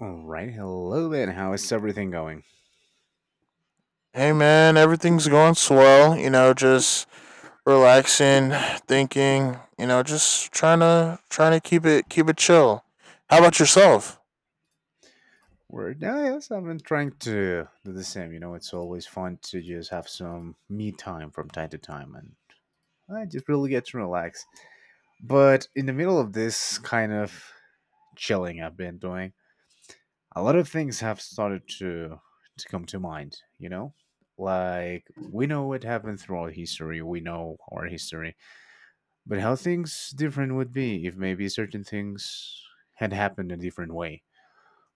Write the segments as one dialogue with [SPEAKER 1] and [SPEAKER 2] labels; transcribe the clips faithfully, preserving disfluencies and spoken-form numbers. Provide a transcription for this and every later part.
[SPEAKER 1] All right, hello then. How is everything going?
[SPEAKER 2] Hey man, everything's going swell. You know, just relaxing, thinking. You know, just trying to trying to keep it keep it chill. How about yourself?
[SPEAKER 1] We're yeah, yes, I've been trying to do the same. You know, it's always fun to just have some me time from time to time, and I just really get to relax. But in the middle of this kind of chilling I've been doing, a lot of things have started to to come to mind. You know, like we know what happened throughout history, we know our history, but how things different would be if maybe certain things had happened a different way.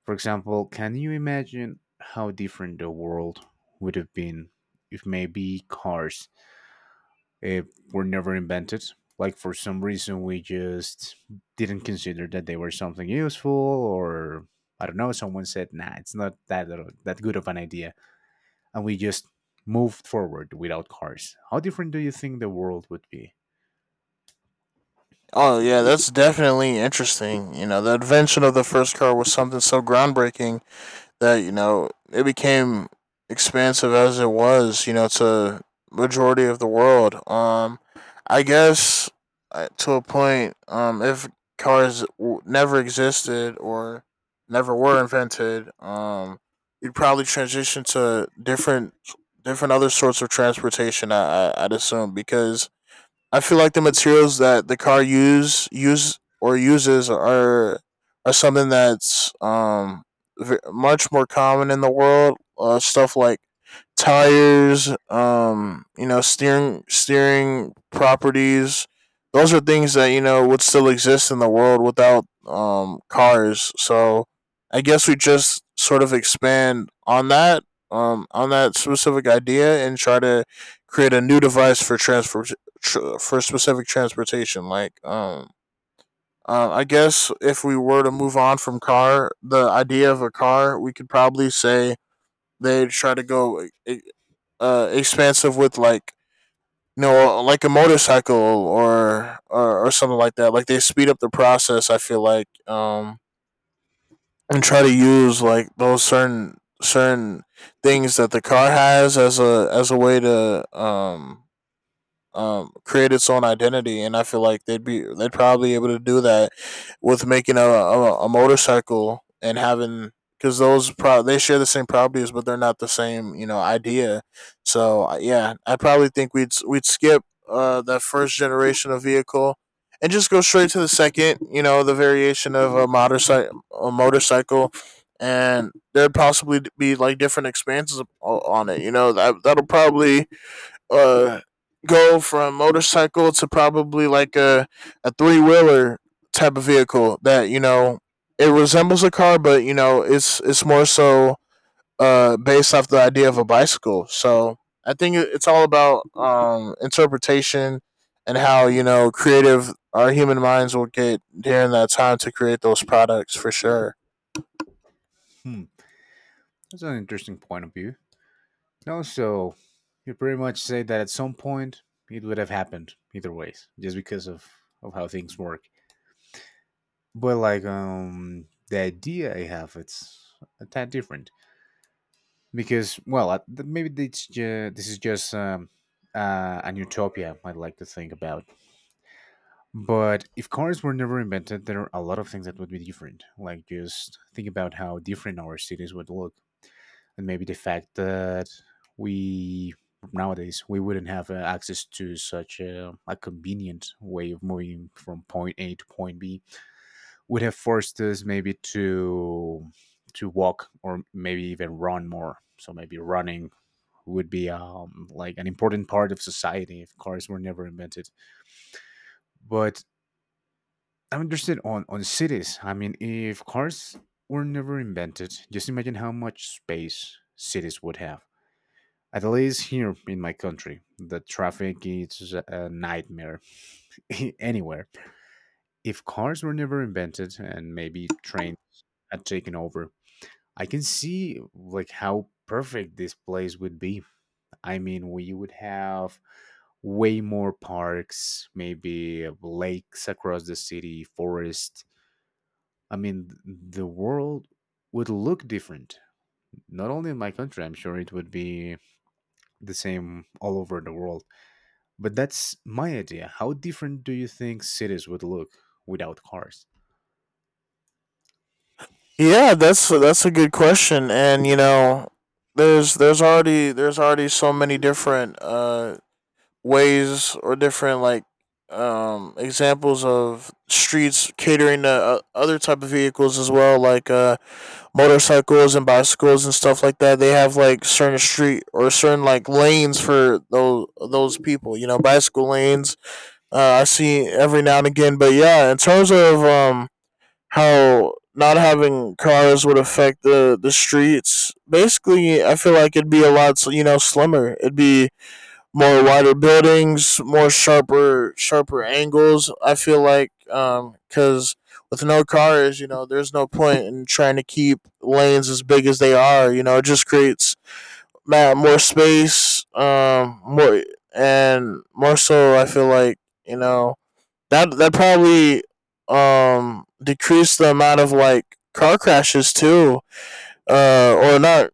[SPEAKER 1] For example, can you imagine how different the world would have been if maybe cars uh, were never invented? Like for some reason we just didn't consider that they were something useful, or I don't know. Someone said, "Nah, it's not that uh, that good of an idea," and we just moved forward without cars. How different do you think the world would be?
[SPEAKER 2] Oh yeah, that's definitely interesting. You know, the invention of the first car was something so groundbreaking that you know it became expansive as it was, you know, to majority of the world. Um, I guess uh, to a point, um, if cars w- never existed or never were invented, um, we'd probably transition to different different other sorts of transportation. I, I I'd assume because I feel like the materials that the car use use or uses are are something that's um ve- much more common in the world. Uh, stuff like tires, um, you know, steering steering properties. Those are things that you know would still exist in the world without um cars. So I guess we just sort of expand on that um on that specific idea and try to create a new device for transport tr- for specific transportation. Like, um, uh, I guess if we were to move on from car, the idea of a car, we could probably say they try to go e- uh, expansive with like you know like a motorcycle, or, or or something like that. Like they speed up the process. I feel like um, and try to use like those certain certain things that the car has as a as a way to um um, create its own identity, and I feel like they'd be they'd probably able to do that with making a a, a motorcycle and having because those pro they share the same properties, but they're not the same you know idea. So I- yeah, I probably think we'd s- we'd skip uh that first generation of vehicle and just go straight to the second. You know, the variation of a motorcycle a motorcycle. And there'd possibly be like different expansions o- on it, you know. That that'll probably uh go from motorcycle to probably like a a three wheeler type of vehicle that you know it resembles a car, but you know it's it's more so uh based off the idea of a bicycle. So I think it- it's all about um interpretation and how you know creative our human minds will get during that time to create those products for sure.
[SPEAKER 1] Hmm, that's an interesting point of view. No, so you pretty much say that at some point it would have happened either ways, just because of of how things work. But like um the idea I have, it's a tad different because well I- th- maybe it's ju- this is just um uh, an utopia I'd like to think about. But if cars were never invented, there are a lot of things that would be different. Like just think about how different our cities would look, and maybe the fact that we nowadays we wouldn't have uh, access to such a, a convenient way of moving from point A to point B would have forced us maybe to to walk or maybe even run more. So maybe running would be um, like an important part of society if cars were never invented. But I'm interested on on cities. I mean, if cars were never invented, just imagine how much space cities would have. At least here in my country, the traffic is a nightmare anywhere. If cars were never invented and maybe trains had taken over, I can see like how perfect this place would be. I mean, we would have way more parks, maybe lakes across the city, forest. I mean, th- the world would look different. Not only in my country, I'm sure it would be the same all over the world. But that's my idea. How different do you think cities would look without cars?
[SPEAKER 2] Yeah, that's that's a good question, and you know there's there's already there's already so many different uh ways or different like um examples of streets catering to uh, other type of vehicles as well like uh motorcycles and bicycles and stuff like that. They have like certain street or certain like lanes for those those people, you know, bicycle lanes uh I see every now and again. But yeah, in terms of um how not having cars would affect the the streets, basically I feel like it'd be a lot, you know, slimmer. It'd be more wider buildings, more sharper sharper angles. I feel like um, because with no cars, you know, there's no point in trying to keep lanes as big as they are. You know, it just creates more space, um, more and more so. I feel like you know that that probably um decreased the amount of like car crashes too, uh, or not.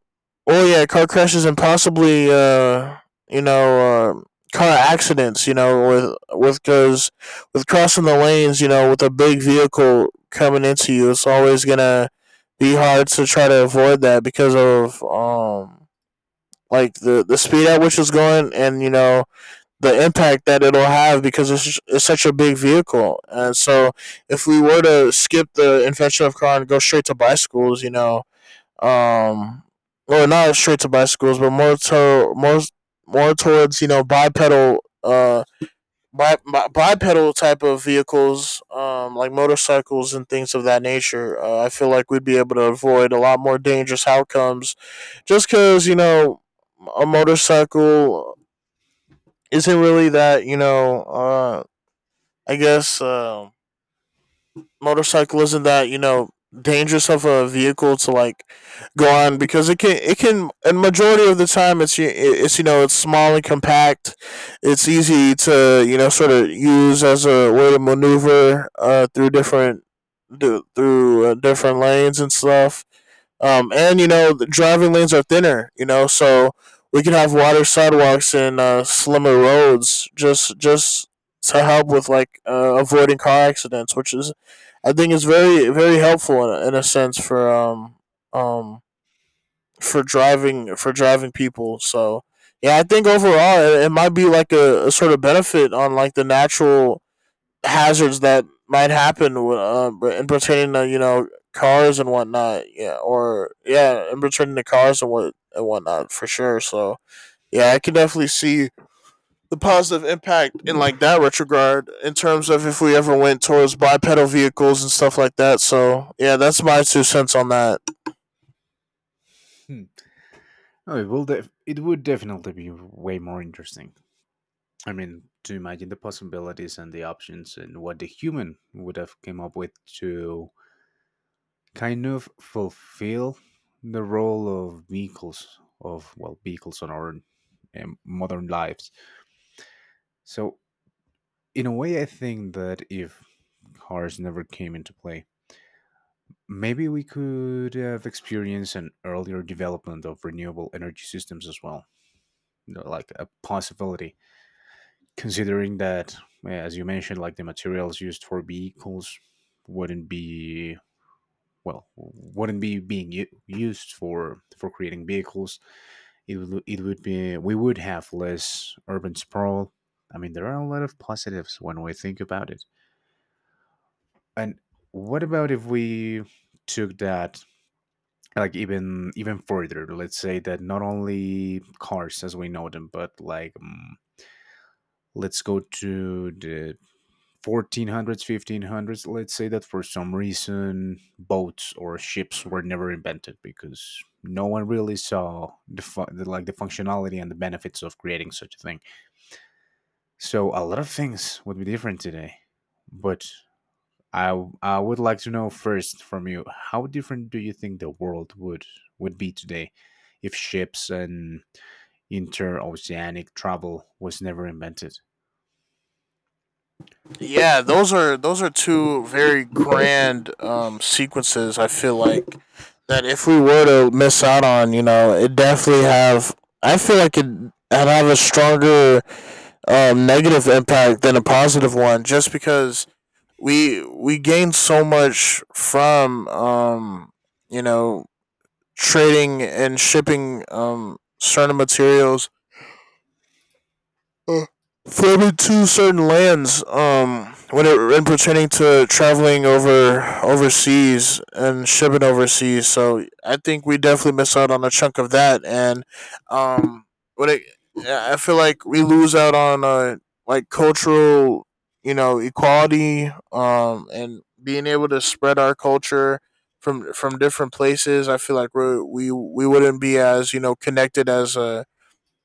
[SPEAKER 2] Oh yeah, car crashes and possibly uh, you know, uh, car accidents. You know, with with goes with crossing the lanes. You know, with a big vehicle coming into you, it's always gonna be hard to try to avoid that because of um like the the speed at which it's going, and you know the impact that it'll have because it's, it's such a big vehicle. And so if we were to skip the invention of car and go straight to bicycles, you know, um, or not straight to bicycles, but more to more more towards you know bipedal uh bi- bi- bipedal type of vehicles, um, like motorcycles and things of that nature. Uh, I feel like we'd be able to avoid a lot more dangerous outcomes, just because you know a motorcycle isn't really that you know uh, I guess. Um, motorcycle isn't that you know dangerous of a vehicle to like go on because it can it can and majority of the time it's it's you know it's small and compact. It's easy to you know sort of use as a way to maneuver uh through different through uh, different lanes and stuff, um, and you know the driving lanes are thinner. You know, so we can have wider sidewalks and, uh, slimmer roads, just just to help with like, uh, avoiding car accidents, which is I think is very very helpful in, a- in a sense for um um for driving for driving people. So yeah, I think overall it, it might be like a, a sort of benefit on like the natural hazards that might happen, uh, in pertaining to you know cars and whatnot. Yeah, or yeah, in pertaining to cars and what and whatnot, for sure. So yeah, I can definitely see the positive impact in like that retrograde in terms of if we ever went towards bipedal vehicles and stuff like that. So yeah, that's my two cents on that.
[SPEAKER 1] Hmm. Oh, it will. Def- it would definitely be way more interesting. I mean, to imagine the possibilities and the options and what the human would have came up with to kind of fulfill the role of vehicles, of well vehicles on our um, modern lives. So in a way, I think that if cars never came into play, maybe we could have experienced an earlier development of renewable energy systems as well, you know, like a possibility, considering that, uh, as you mentioned, like the materials used for vehicles wouldn't be, well, wouldn't be being u- used for for creating vehicles. It would, it would be, we would have less urban sprawl. I mean, there are a lot of positives when we think about it. And what about if we took that like even even further? Let's say that not only cars as we know them, but like um, let's go to the fourteen hundreds, fifteen hundreds. Let's say that for some reason boats or ships were never invented because no one really saw the, fu- the like the functionality and the benefits of creating such a thing. So a lot of things would be different today, but I w- I would like to know first from you, how different do you think the world would would be today if ships and interoceanic travel was never invented?
[SPEAKER 2] Yeah, those are those are two very grand, um, sequences. I feel like that if we were to miss out on, you know, it definitely have. I feel like it have a stronger, um, negative impact than a positive one, just because we we gain so much from, um, you know, trading and shipping, um, certain materials, uh, Forbid to certain lands, um, when it when pertaining to traveling over overseas and shipping overseas. So I think we definitely miss out on a chunk of that, and um, when it, I feel like we lose out on, uh, like cultural, you know, equality, um, and being able to spread our culture from from different places. I feel like we we we wouldn't be as you know connected as a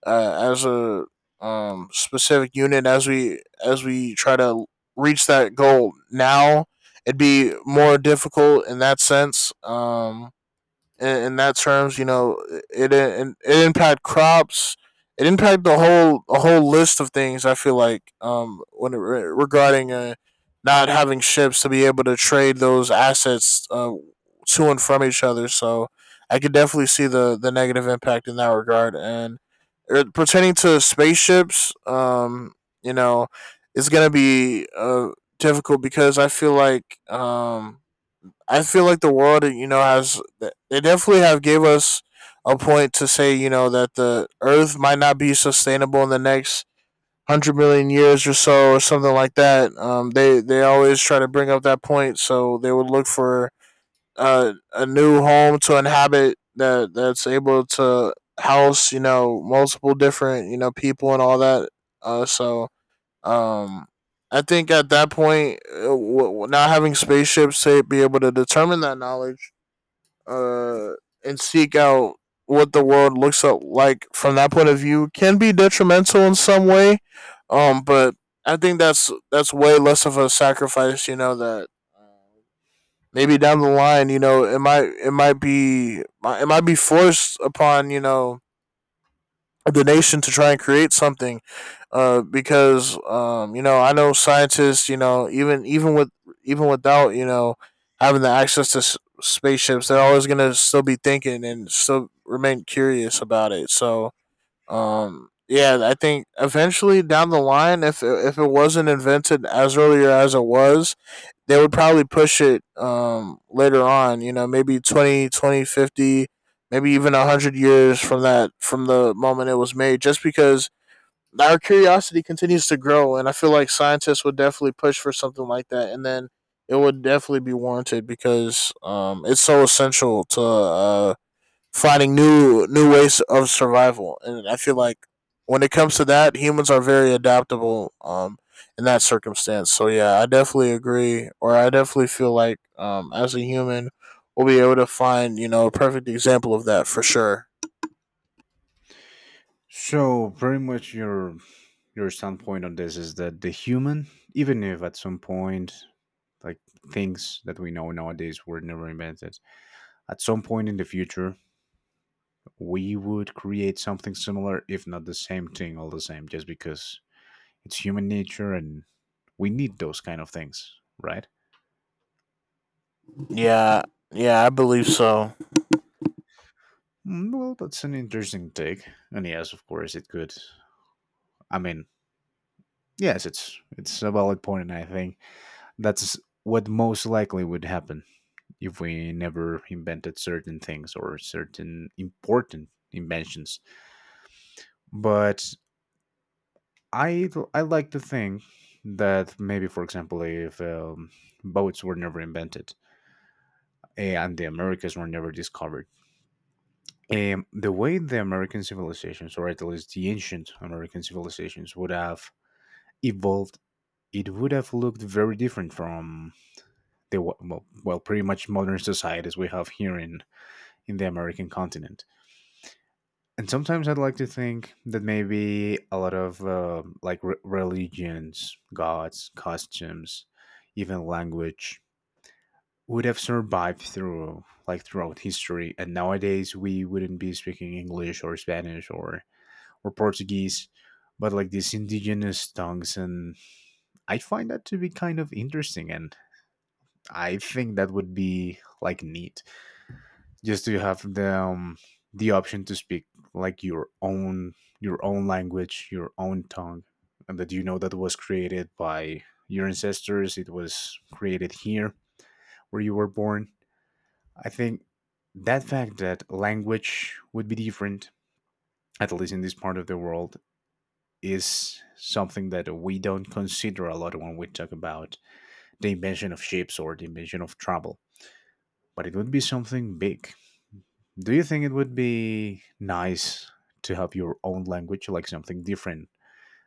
[SPEAKER 2] uh, as a um, specific unit, as we as we try to reach that goal now. It'd be more difficult in that sense, um, in, in that terms. You know, it, it it impact crops. It impact the whole a whole list of things. I feel like um when it, regarding, uh, not having ships to be able to trade those assets, uh, to and from each other. So I could definitely see the the negative impact in that regard. And, uh, pertaining to spaceships, um, you know, it's gonna be, uh, difficult because I feel like um I feel like the world, you know, has they definitely have gave us a point to say, you know, that the Earth might not be sustainable in the next hundred million years or so, or something like that. Um, they they always try to bring up that point, so they would look for, uh, a new home to inhabit that that's able to house, you know, multiple different, you know, people and all that. Uh, so um, I think at that point, uh, w- w- not having spaceships to be able to determine that knowledge, uh, and seek out what the world looks up like from that point of view can be detrimental in some way. Um, but I think that's that's way less of a sacrifice. You know that, uh, maybe down the line, you know, it might it might be it might be forced upon you know the nation to try and create something, uh, because um, you know I know scientists you know even even with even without you know having the access to s- spaceships, they're always gonna still be thinking and still remain curious about it. So um, yeah, I think eventually down the line, if it- if it wasn't invented as earlier as it was, they would probably push it, um, later on. You know, maybe twenty, twenty fifty, maybe even one hundred years from that, from the moment it was made. Just because our curiosity continues to grow, and I feel like scientists would definitely push for something like that, and then it would definitely be warranted because, um, it's so essential to, uh, finding new new ways of survival. And I feel like when it comes to that, humans are very adaptable um in that circumstance. So yeah, I definitely agree, or I definitely feel like um as a human we'll be able to find, you know, a perfect example of that for sure.
[SPEAKER 1] So pretty much your your standpoint on this is that the human, even if at some point, like, things that we know nowadays were never invented, at some point in the future we would create something similar, if not the same thing all the same, just because it's human nature and we need those kind of things, right?
[SPEAKER 2] Yeah. Yeah, I believe so.
[SPEAKER 1] Mm, well, that's an interesting take. And yes, of course, it could. I mean, yes, it's it's a valid point, and I think that's what most likely would happen if we never invented certain things or certain important inventions. But I I like to think that maybe, for example, if um, boats were never invented and the Americas were never discovered, um, the way the American civilizations, or at least the ancient American civilizations, would have evolved, it would have looked very different from the wa- well, well, pretty much modern societies we have here in in the American continent. And sometimes I'd like to think that maybe a lot of uh, like re- religions, gods, costumes, even language would have survived through like throughout history, and nowadays we wouldn't be speaking English or Spanish or or Portuguese, but like these indigenous tongues. And I find that to be kind of interesting. And I think that would be like neat, just to have the, um, the option to speak like your own your own language, your own tongue, and that you know that was created by your ancestors. It was created here where you were born. I think that fact that language would be different, at least in this part of the world, is something that we don't consider a lot when we talk about the invention of ships or the invention of travel, but it would be something big. Do you think it would be nice to have your own language, like something different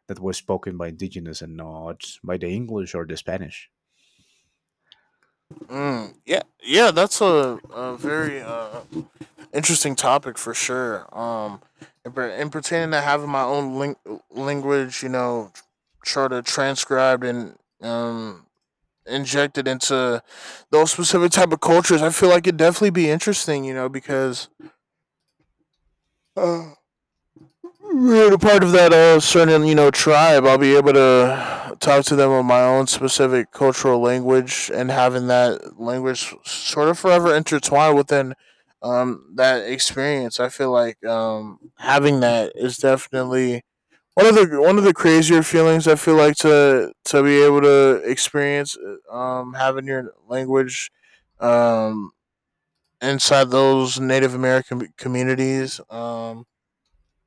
[SPEAKER 1] that was spoken by indigenous and not by the English or the Spanish?
[SPEAKER 2] Mm, yeah. Yeah, that's a, a very uh interesting topic for sure. Um, and, per- and pertaining to having my own ling- language, you know, try to transcribed and um injected into those specific type of cultures, I feel like it'd definitely be interesting, you know, because uh, being a part of that uh, certain you know tribe, I'll be able to talk to them on my own specific cultural language, and having that language sort of forever intertwined within um, that experience. I feel like um, having that is definitely one of the one of the crazier feelings. I feel like to to be able to experience uh, um, having your language um, inside those Native American communities. Um,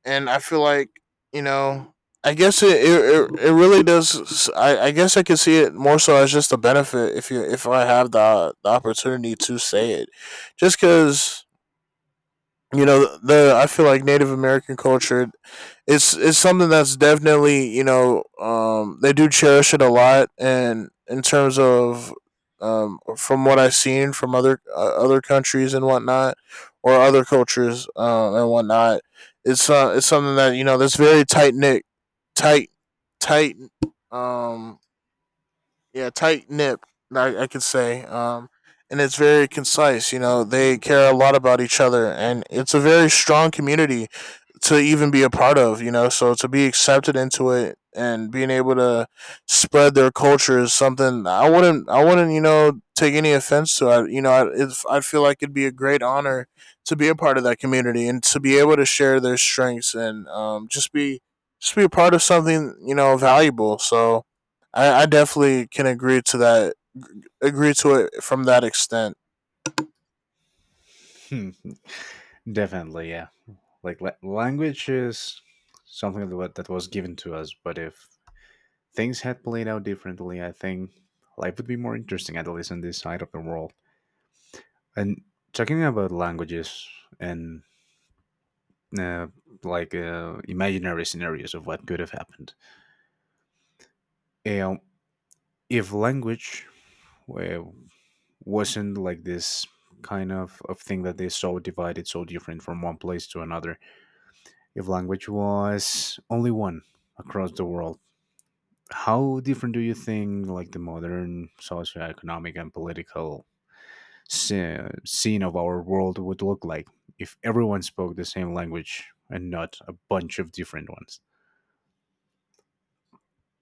[SPEAKER 2] And I feel like you know, I guess it it, it, it really does. I, I guess I can see it more so as just a benefit if you if I have the the opportunity to say it, just because you know the i feel like native american culture, it's it's something that's definitely, you know um they do cherish it a lot. And in terms of, um from what I've seen from other uh, other countries and whatnot, or other cultures uh, and whatnot, it's uh it's something that, you know that's very tight knit. Tight tight um yeah, Tight knit. I, I could say, um, and it's very concise. You know, they care a lot about each other, and it's a very strong community to even be a part of. You know, so to be accepted into it and being able to spread their culture is something I wouldn't. I wouldn't. You know, take any offense to. I, you know, I, it's, I feel like it'd be a great honor to be a part of that community and to be able to share their strengths and, um, just be just be a part of something, you know valuable. So I, I definitely can agree to that. Agree to it from that extent.
[SPEAKER 1] Hmm, definitely, yeah. Like la- language is something that wa- that was given to us, but if things had played out differently, I think life would be more interesting, at least on this side of the world. And talking about languages and uh, like uh, imaginary scenarios of what could have happened, um, if language uh, wasn't like this kind of, of thing that is so divided, so different from one place to another, if language was only one across the world, how different do you think like the modern socioeconomic and political scene of our world would look like if everyone spoke the same language and not a bunch of different ones?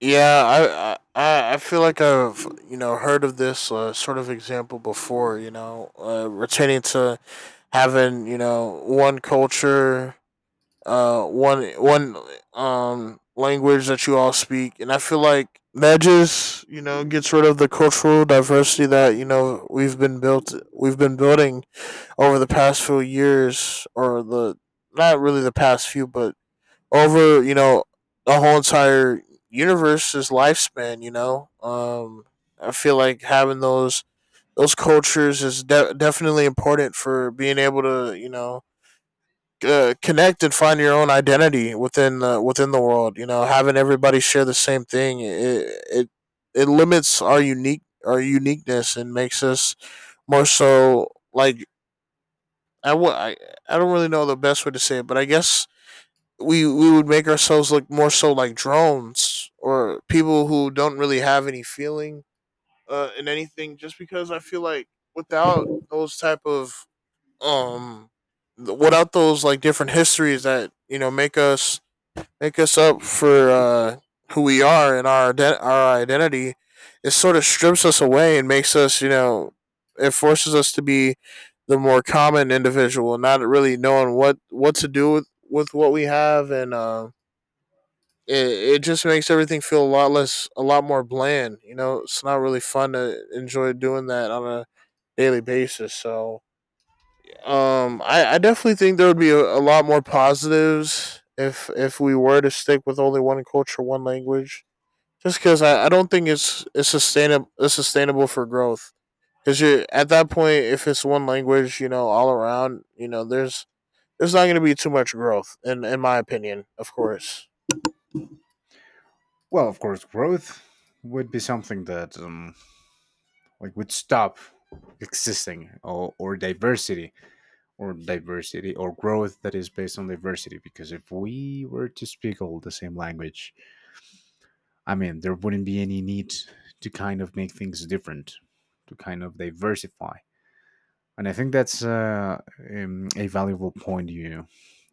[SPEAKER 2] Yeah, I I, I feel like I've, you know heard of this uh, sort of example before. You know, uh, retaining to having, you know one culture, uh, one one um language that you all speak, and I feel like that just, you know gets rid of the cultural diversity that, you know we've been built we've been building over the past few years, or the not really the past few, but over, you know the whole entire universe's lifespan. You know, um, I feel like having those those cultures is de- definitely important for being able to, you know uh, connect and find your own identity within the within the world. You know, having everybody share the same thing, it it, it limits our unique our uniqueness and makes us more so like I w- I, I don't really know the best way to say it, but I guess we we would make ourselves look more so like drones or people who don't really have any feeling uh, in anything. Just because I feel like without those type of um, without those like different histories that, you know make us make us up for, uh, who we are and our ident- our identity, it sort of strips us away and makes us, you know, it forces us to be the more common individual, not really knowing what what to do with with what we have, and, uh, it it just makes everything feel a lot less, a lot more bland. You know, it's not really fun to enjoy doing that on a daily basis. So, um, I, I definitely think there would be a, a lot more positives if if we were to stick with only one culture, one language. Just because I, I don't think it's it's sustainable it's sustainable for growth. Because you at that point, if it's one language, you know, all around, you know, there's there's not going to be too much growth, in in my opinion, of course.
[SPEAKER 1] Well, of course, growth would be something that um, like would stop existing, or, or diversity or diversity or growth that is based on diversity, because if we were to speak all the same language, I mean there wouldn't be any need to kind of make things different, to kind of diversify. And I think that's uh, um, a valuable point you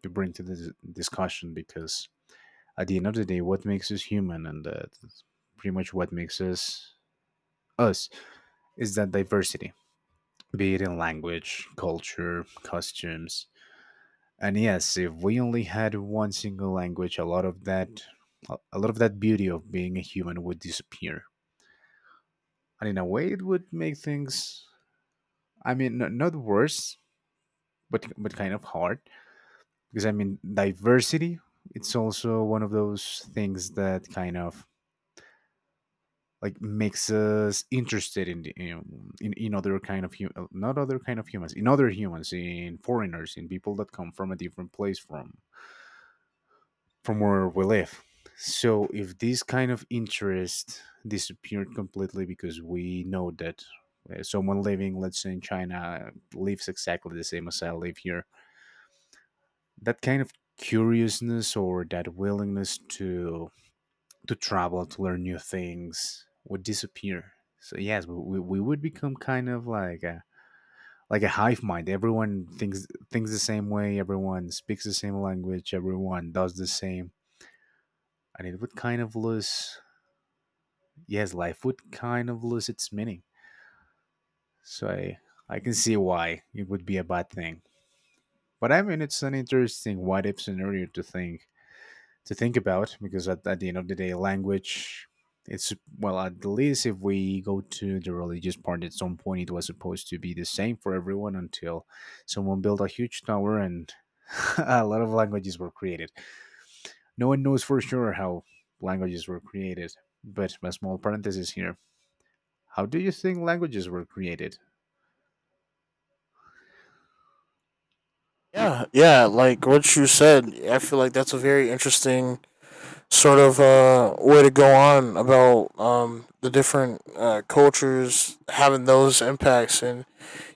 [SPEAKER 1] you bring to this discussion, because at the end of the day, what makes us human and uh, pretty much what makes us us is that diversity, be it in language, culture, costumes. And yes, if we only had one single language, a lot of that, a lot of that beauty of being a human would disappear. And in a way, it would make things, I mean, n- not worse, but but kind of hard because, I mean, diversity, it's also one of those things that kind of like makes us interested in the, you know, in, in other kind of hum- uh, not other kind of humans, in other humans, in foreigners, in people that come from a different place from from where we live. So if this kind of interest disappeared completely because we know that uh, someone living, let's say, in China lives exactly the same as I live here, that kind of curiousness or that willingness to to travel to learn new things would disappear. So yes, we, we would become kind of like a like a hive mind. Everyone thinks thinks the same way, everyone speaks the same language, everyone does the same. And it would kind of lose, yes, life would kind of lose its meaning. So i i can see why it would be a bad thing. But I mean, it's an interesting what if scenario to think to think about, because at, at the end of the day, language, it's, well, at least if we go to the religious part, at some point it was supposed to be the same for everyone until someone built a huge tower and a lot of languages were created. No one knows for sure how languages were created, but a small parenthesis here. How do you think languages were created?
[SPEAKER 2] Yeah, yeah, like what you said, I feel like that's a very interesting sort of uh, way to go on about, um, the different uh, cultures having those impacts. And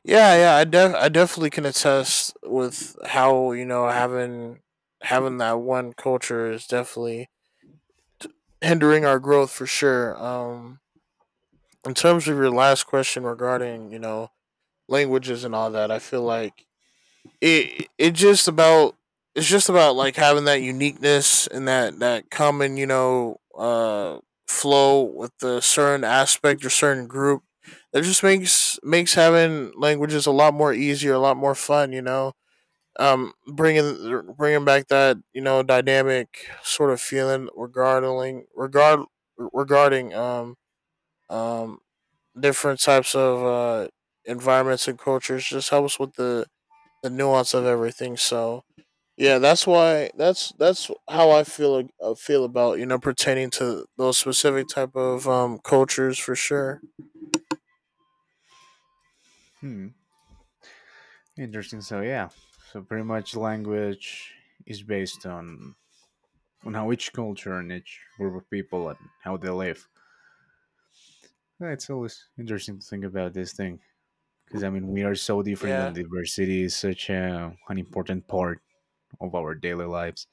[SPEAKER 2] yeah, yeah, I def- I definitely can attest with how, you know having having that one culture is definitely hindering our growth for sure. Um, in terms of your last question regarding, you know languages and all that, I feel like it it just about it's just about like having that uniqueness and that that common, you know uh flow with a certain aspect or certain group, that just makes makes having languages a lot more easier, a lot more fun, you know um bringing bringing back that, you know dynamic sort of feeling regarding regard regarding um um different types of uh environments and cultures, just helps with the the nuance of everything. So yeah, that's why. That's that's how I feel, uh, feel about, you know pertaining to those specific type of, um cultures for sure.
[SPEAKER 1] Hmm, interesting. So, yeah, so pretty much language is based on, on how each culture and each group of people and how they live. Yeah, it's always interesting to think about this thing because I mean we are so different, and
[SPEAKER 2] Yeah.
[SPEAKER 1] diversity is such a, an important part of our daily lives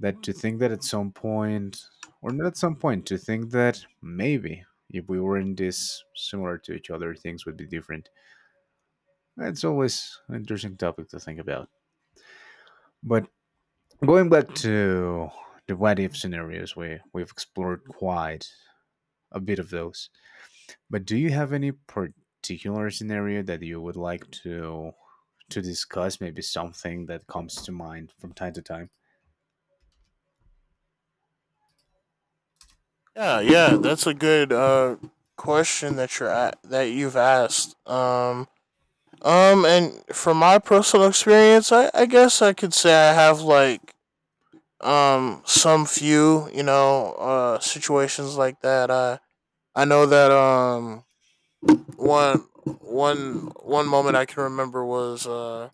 [SPEAKER 1] that to think that at some point, or not at some point, to think that maybe if we weren't this similar to each other, things would be different. It's always an interesting topic to think about. But going back to the what if scenarios, we we've explored quite a bit of those. But do you have any particular scenario that you would like to to discuss, maybe something that comes to mind from time to time?
[SPEAKER 2] Yeah, yeah, that's a good uh question that you're a that you've asked. Um Um, and from my personal experience, I, I guess I could say I have like, um some few, you know uh situations like that. I I know that, um one one one moment I can remember was uh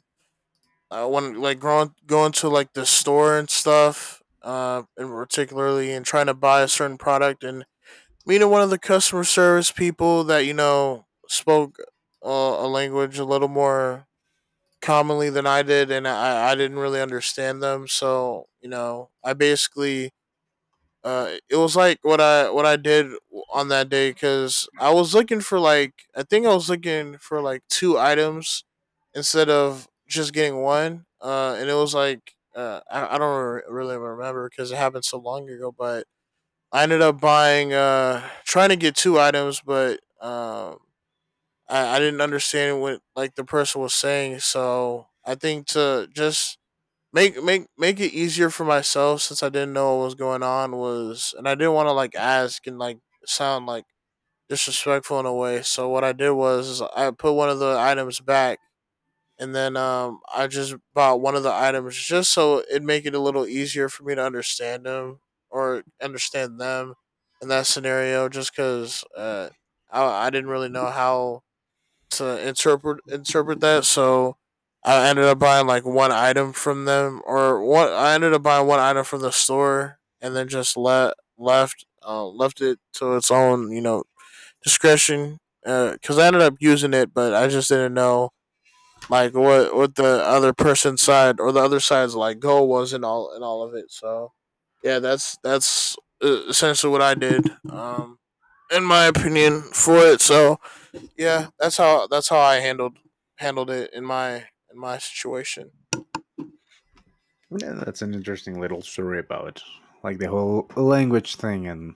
[SPEAKER 2] uh, when like growing going to like the store and stuff, uh and particularly and trying to buy a certain product and meeting one of the customer service people that, you know spoke uh, a language a little more commonly than I did, and I, I didn't really understand them. So you know, I basically, uh, it was like what I what I did on that day because I was looking for like I think I was looking for like two items instead of just getting one. Uh, and it was like uh, I, I don't re- really remember because it happened so long ago, but I ended up buying uh trying to get two items, but, um I, I didn't understand what like the person was saying. So I think to just make make make it easier for myself since I didn't know what was going on was and I didn't want to like ask and like sound like disrespectful in a way. So what I did was is I put one of the items back, and then, um I just bought one of the items just so it'd make it a little easier for me to understand them or understand them in that scenario, just cuz, uh I I didn't really know how to interpret interpret that. So I ended up buying like one item from them, or what I ended up buying one item from the store, and then just let left, uh, left it to its own, you know, discretion. Because, uh, I ended up using it, but I just didn't know like what what the other person's side or the other side's like goal was in all in all of it. So yeah, that's that's, uh, essentially what I did. Um, in my opinion, for it. So yeah, that's how that's how I handled handled it in my in my situation.
[SPEAKER 1] Yeah, that's an interesting little story about like the whole language thing and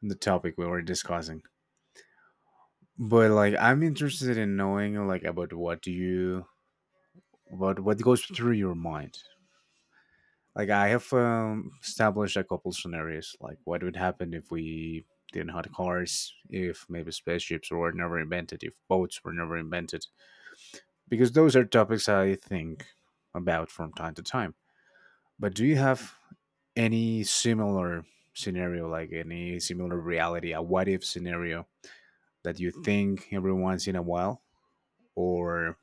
[SPEAKER 1] the topic we were discussing. But like I'm interested in knowing like about what do you about what goes through your mind. Like I have um, established a couple scenarios like what would happen if we didn't have cars, if maybe spaceships were never invented, if boats were never invented. Because those are topics I think about from time to time. But do you have any similar scenario, like any similar reality, a what if scenario that you think every once in a while? Or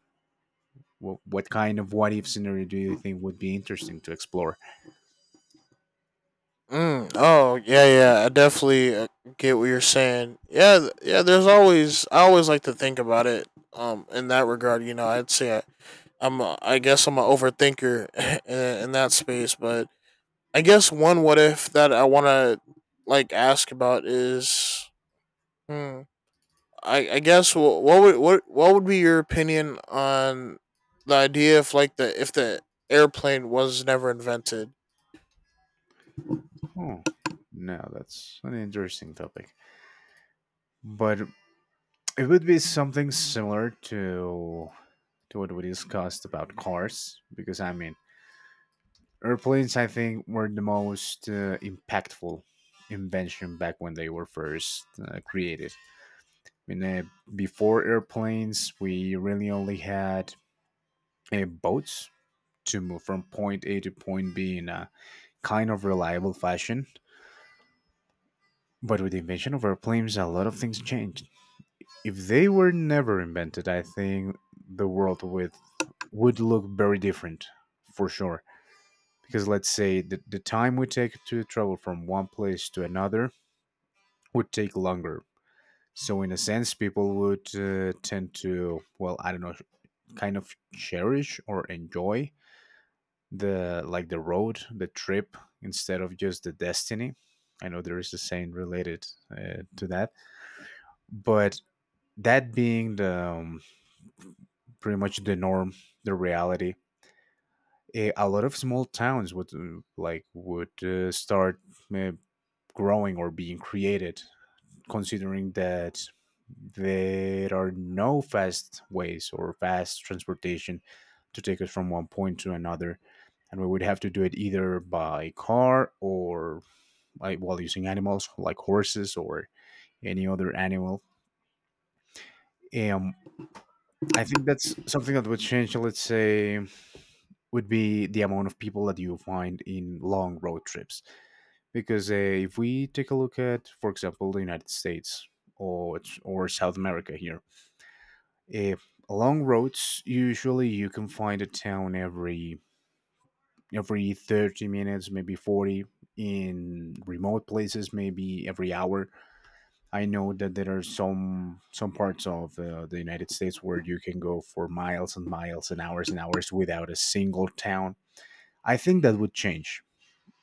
[SPEAKER 1] wh- what kind of what if scenario do you think would be interesting to explore?
[SPEAKER 2] Mm, oh yeah, yeah. I definitely, uh, get what you're saying. Yeah, th- yeah. There's always I always like to think about it. Um, in that regard, you know, I'd say I, I'm a, I guess I'm an overthinker in, in that space. But I guess one what if that I want to like ask about is, hmm, I I guess wh- what would what what would be your opinion on the idea, if like the if the airplane was never invented?
[SPEAKER 1] Oh, no, that's an interesting topic. But it would be something similar to to what we discussed about cars, because I mean, airplanes, I think, were the most uh, impactful invention back when they were first uh, created. I mean, uh, before airplanes, we really only had uh, boats to move from point A to point B in a kind of reliable fashion. But with the invention of airplanes, a lot of things changed. If they were never invented, I think the world with would look very different for sure. Because let's say the, the time we take to travel from one place to another would take longer. So in a sense, people would uh, tend to, well, I don't know, kind of cherish or enjoy the like the road, the trip, instead of just the destiny. I know there is a saying related uh, to that, but that being the um, pretty much the norm, the reality, a, a lot of small towns would uh, like would uh, start uh, growing or being created, considering that there are no fast ways or fast transportation to take us from one point to another, and we would have to do it either by car or like while using animals like horses or any other animal. Um, I think that's something that would change, let's say, would be the amount of people that you find in long road trips, because uh, if we take a look at, for example, the United States or or South America here. Eh, along roads, usually you can find a town every every thirty minutes, maybe forty. In remote places, maybe every hour. I know that there are some some parts of uh, the United States where you can go for miles and miles and hours and hours without a single town. I think that would change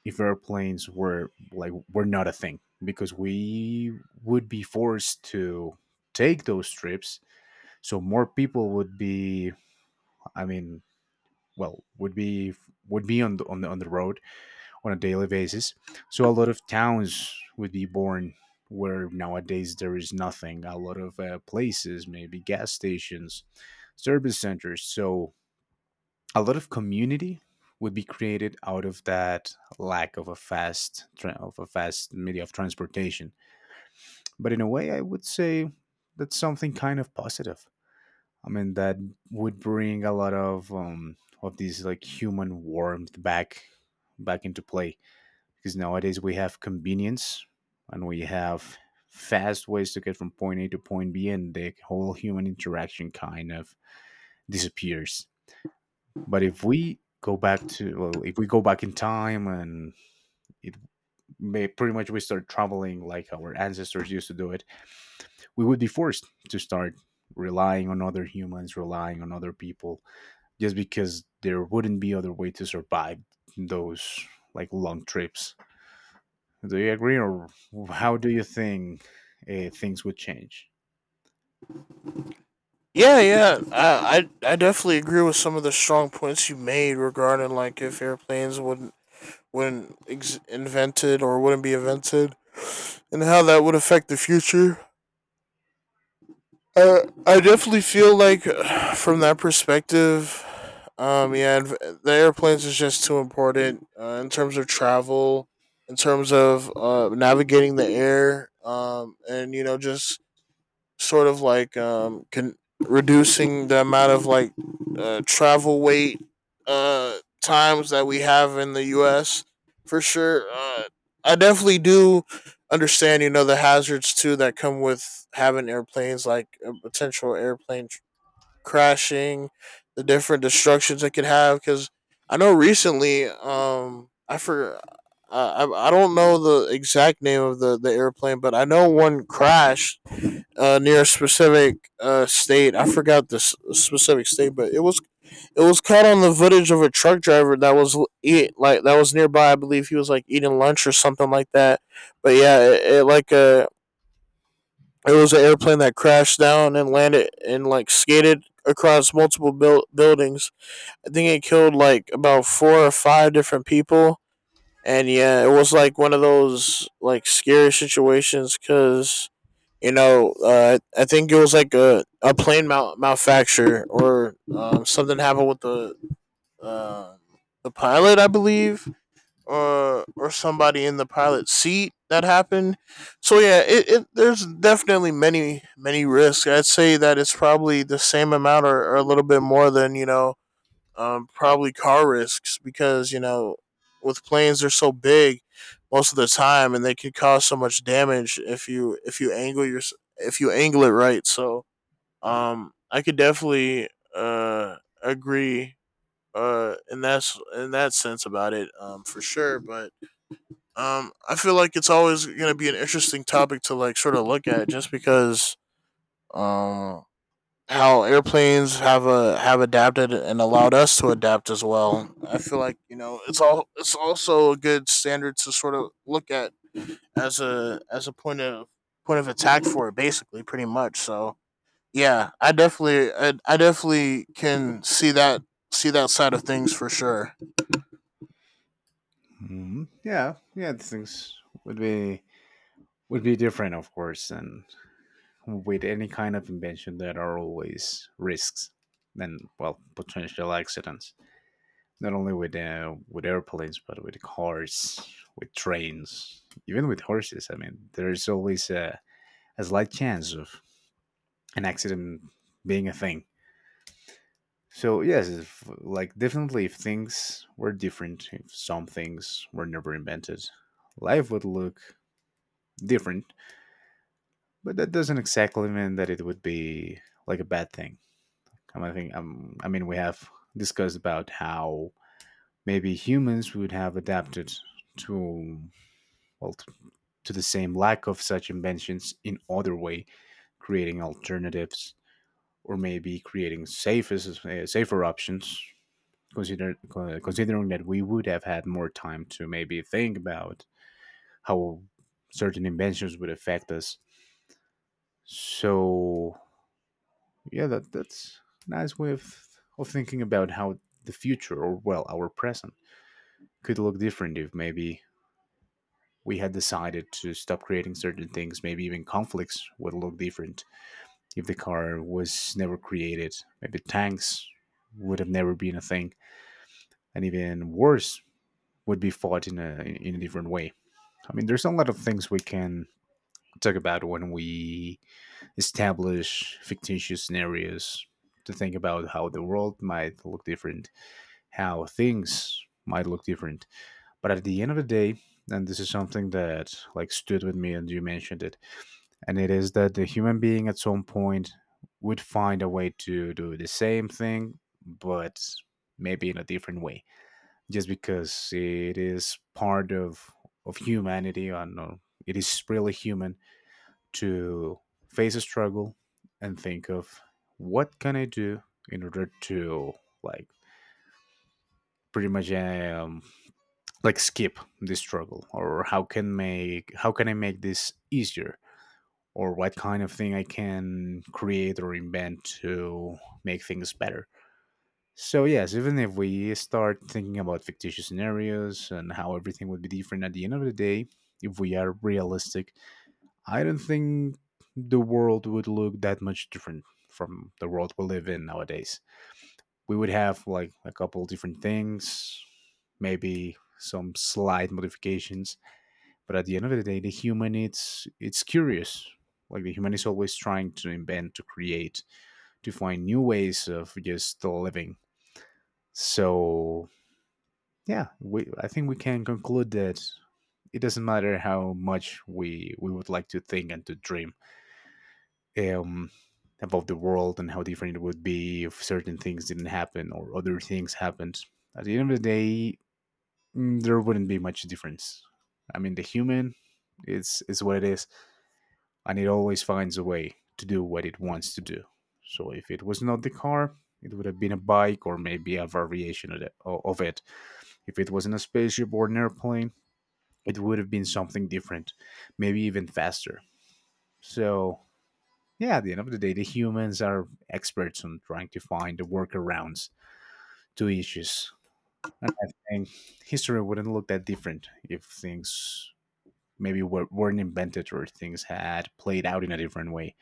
[SPEAKER 1] if airplanes were like were not a thing because we would be forced to take those trips, so more people would be, I mean, well would be, would be on the, on the on the road on a daily basis. So a lot of towns would be born where nowadays there is nothing, a lot of uh, places, maybe gas stations, service centers. So a lot of community would be created out of that lack of a fast tra- of a fast media of transportation. But in a way, I would say that's something kind of positive. I mean, that would bring a lot of um, of these like human warmth back back into play, because nowadays we have convenience and we have fast ways to get from point A to point B, and the whole human interaction kind of disappears. But if we go back to well, if we go back in time and it may, pretty much we start traveling like our ancestors used to do it, we would be forced to start relying on other humans, relying on other people just because there wouldn't be other way to survive those like long trips. Do you agree, or how do you think uh, things would change?
[SPEAKER 2] Yeah, yeah, I I, I definitely agree with some of the strong points you made regarding like if airplanes wouldn't wouldn't ex- invented or wouldn't be invented, and how that would affect the future. Uh, I definitely feel like, from that perspective, um, yeah, adv- the airplanes is just too important, uh, in terms of travel, in terms of, uh, navigating the air, um, and you know, just sort of like, um can reducing the amount of like, uh, travel wait, uh times that we have in the U S for sure. Uh, I definitely do understand, you know, the hazards too that come with having airplanes, like a potential airplane tr- crashing, the different destructions it could have. Because I know recently, um, I for I I I don't know the exact name of the the airplane, but I know one crashed, uh, near a specific, uh, state. I forgot the specific state, but it was it was caught on the footage of a truck driver that was l- eat like that was nearby. I believe he was like eating lunch or something like that. But yeah, it, it like, uh, it was an airplane that crashed down and landed and like skated across multiple build buildings. I think it killed like about four or five different people. And yeah, it was like one of those like scary situations because you know, uh, I think it was like a, a plane mal- malfacture, or, um, something happened with the, um the pilot, I believe, or or somebody in the pilot seat that happened. So yeah, it, it there's definitely many many risks. I'd say that it's probably the same amount or, or a little bit more than you know um, probably car risks because you know with planes they're so big most of the time and they could cause so much damage if you if you angle your if you angle it right so um I could definitely uh agree uh in that's in that sense about it um for sure but um I feel like it's always going to be an interesting topic to like sort of look at just because um how airplanes have a have adapted and allowed us to adapt as well. I feel like you know it's all it's also a good standard to sort of look at as a as a point of point of attack for it, basically, pretty much. So yeah, I definitely I, I definitely can see that see that side of things for sure.
[SPEAKER 1] Mhm. Yeah, yeah, things would be would be different, of course, and with any kind of invention, there are always risks and, well, potential accidents. Not only with uh, with airplanes, but with cars, with trains, even with horses. I mean, there is always a, a slight chance of an accident being a thing. So yes, if, like definitely, if things were different, if some things were never invented, life would look different. But that doesn't exactly mean that it would be like a bad thing. I mean, I, think, um, I mean, we have discussed about how maybe humans would have adapted to, well t- to the same lack of such inventions in other way, creating alternatives or maybe creating safer uh, safer options, consider, considering that we would have had more time to maybe think about how certain inventions would affect us. So yeah, that that's a nice way of, of thinking about how the future, or well, our present, could look different if maybe we had decided to stop creating certain things. Maybe even conflicts would look different if the car was never created. Maybe tanks would have never been a thing, and even wars would be fought in a in a different way. I mean, there's a lot of things we can talk about when we establish fictitious scenarios to think about how the world might look different, how things might look different. But at the end of the day, and this is something that like stood with me and you mentioned it, and it is that the human being at some point would find a way to do the same thing, but maybe in a different way, just because it is part of of humanity, and uh, it is really human to face a struggle and think of what can I do in order to like pretty much um, like skip this struggle, or how can make how can I make this easier, or what kind of thing I can create or invent to make things better. So yes, even if we start thinking about fictitious scenarios and how everything would be different, at the end of the day, if we are realistic, I don't think the world would look that much different from the world we live in nowadays. We would have like a couple different things, maybe some slight modifications, but at the end of the day, the human, it's it's curious. Like the human is always trying to invent, to create, to find new ways of just living. So yeah, we I think we can conclude that it doesn't matter how much we we would like to think and to dream um, about the world and how different it would be if certain things didn't happen or other things happened. At the end of the day, mm, there wouldn't be much difference. I mean, the human is is what it is, and it always finds a way to do what it wants to do. So if it was not the car, it would have been a bike or maybe a variation of it. o- Of it. If it wasn't a spaceship or an airplane, it would have been something different, maybe even faster. So, yeah, at the end of the day, the humans are experts on trying to find the workarounds to issues. And I think history wouldn't look that different if things maybe were, weren't invented or things had played out in a different way.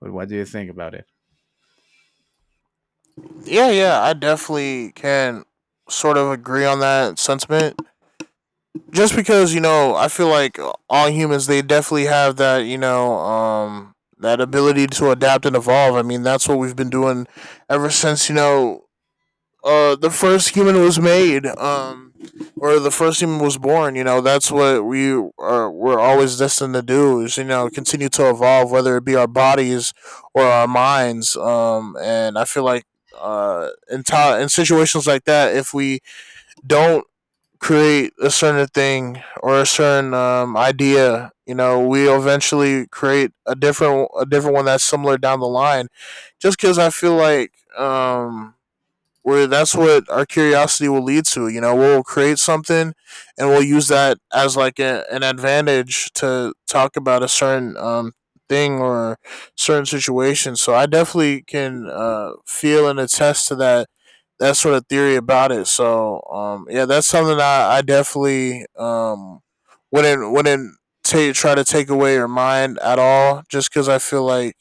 [SPEAKER 1] But what do you think about it?
[SPEAKER 2] Yeah, yeah, I definitely can sort of agree on that sentiment just because you know I feel like all humans they definitely have that you know um that ability to adapt and evolve. I mean that's what we've been doing ever since you know uh the first human was made, um or the first human was born. You know that's what we are, we're always destined to do is you know continue to evolve, whether it be our bodies or our minds. Um and I feel like uh in, t- in situations like that, if we don't create a certain thing or a certain um, idea, you know we eventually create a different a different one that's similar down the line. Just because I feel like um where that's what our curiosity will lead to. You know, we'll create something and we'll use that as like a, an advantage to talk about a certain um, thing or certain situation. So I definitely can uh, feel and attest to that that sort of theory about it. So um, yeah, that's something I, I definitely um, wouldn't wouldn't ta try to take away your mind at all, just because I feel like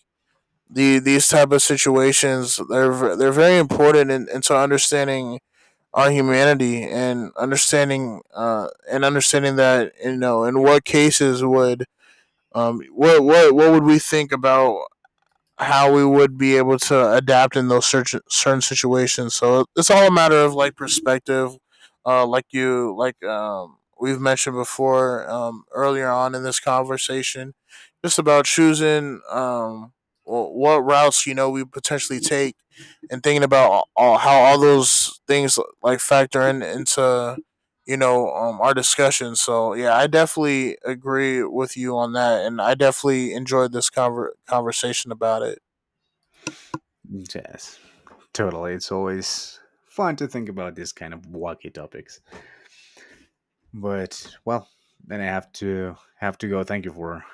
[SPEAKER 2] the these type of situations they're they're very important in, into understanding our humanity and understanding uh and understanding that you know in what cases would um what what what would we think about how we would be able to adapt in those certain certain situations. So it's all a matter of like perspective, uh, like you like um, we've mentioned before um, earlier on in this conversation, just about choosing um, wh- what routes you know we potentially take, and thinking about all, how all those things like factor in into you know um, our discussion. So yeah, I definitely agree with you on that, and I definitely enjoyed this conver- conversation about it.
[SPEAKER 1] Yes, totally. It's always fun to think about this kind of wacky topics. But well, then I have to have to go. Thank you for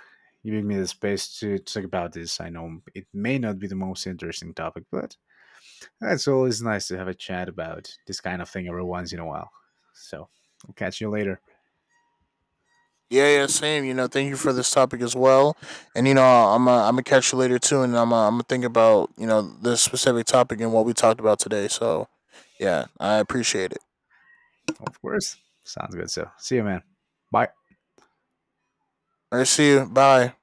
[SPEAKER 1] giving me the space to talk about this. I know it may not be the most interesting topic, but it's always nice to have a chat about this kind of thing every once in a while. So I'll catch you later.
[SPEAKER 2] Yeah, yeah, same. You know, thank you for this topic as well. And you know, I'm i I'm gonna catch you later too, and I'm i I'm gonna think about you know this specific topic and what we talked about today. So yeah, I appreciate it.
[SPEAKER 1] Of course. Sounds good. So see you, man. Bye.
[SPEAKER 2] All right, see you. Bye.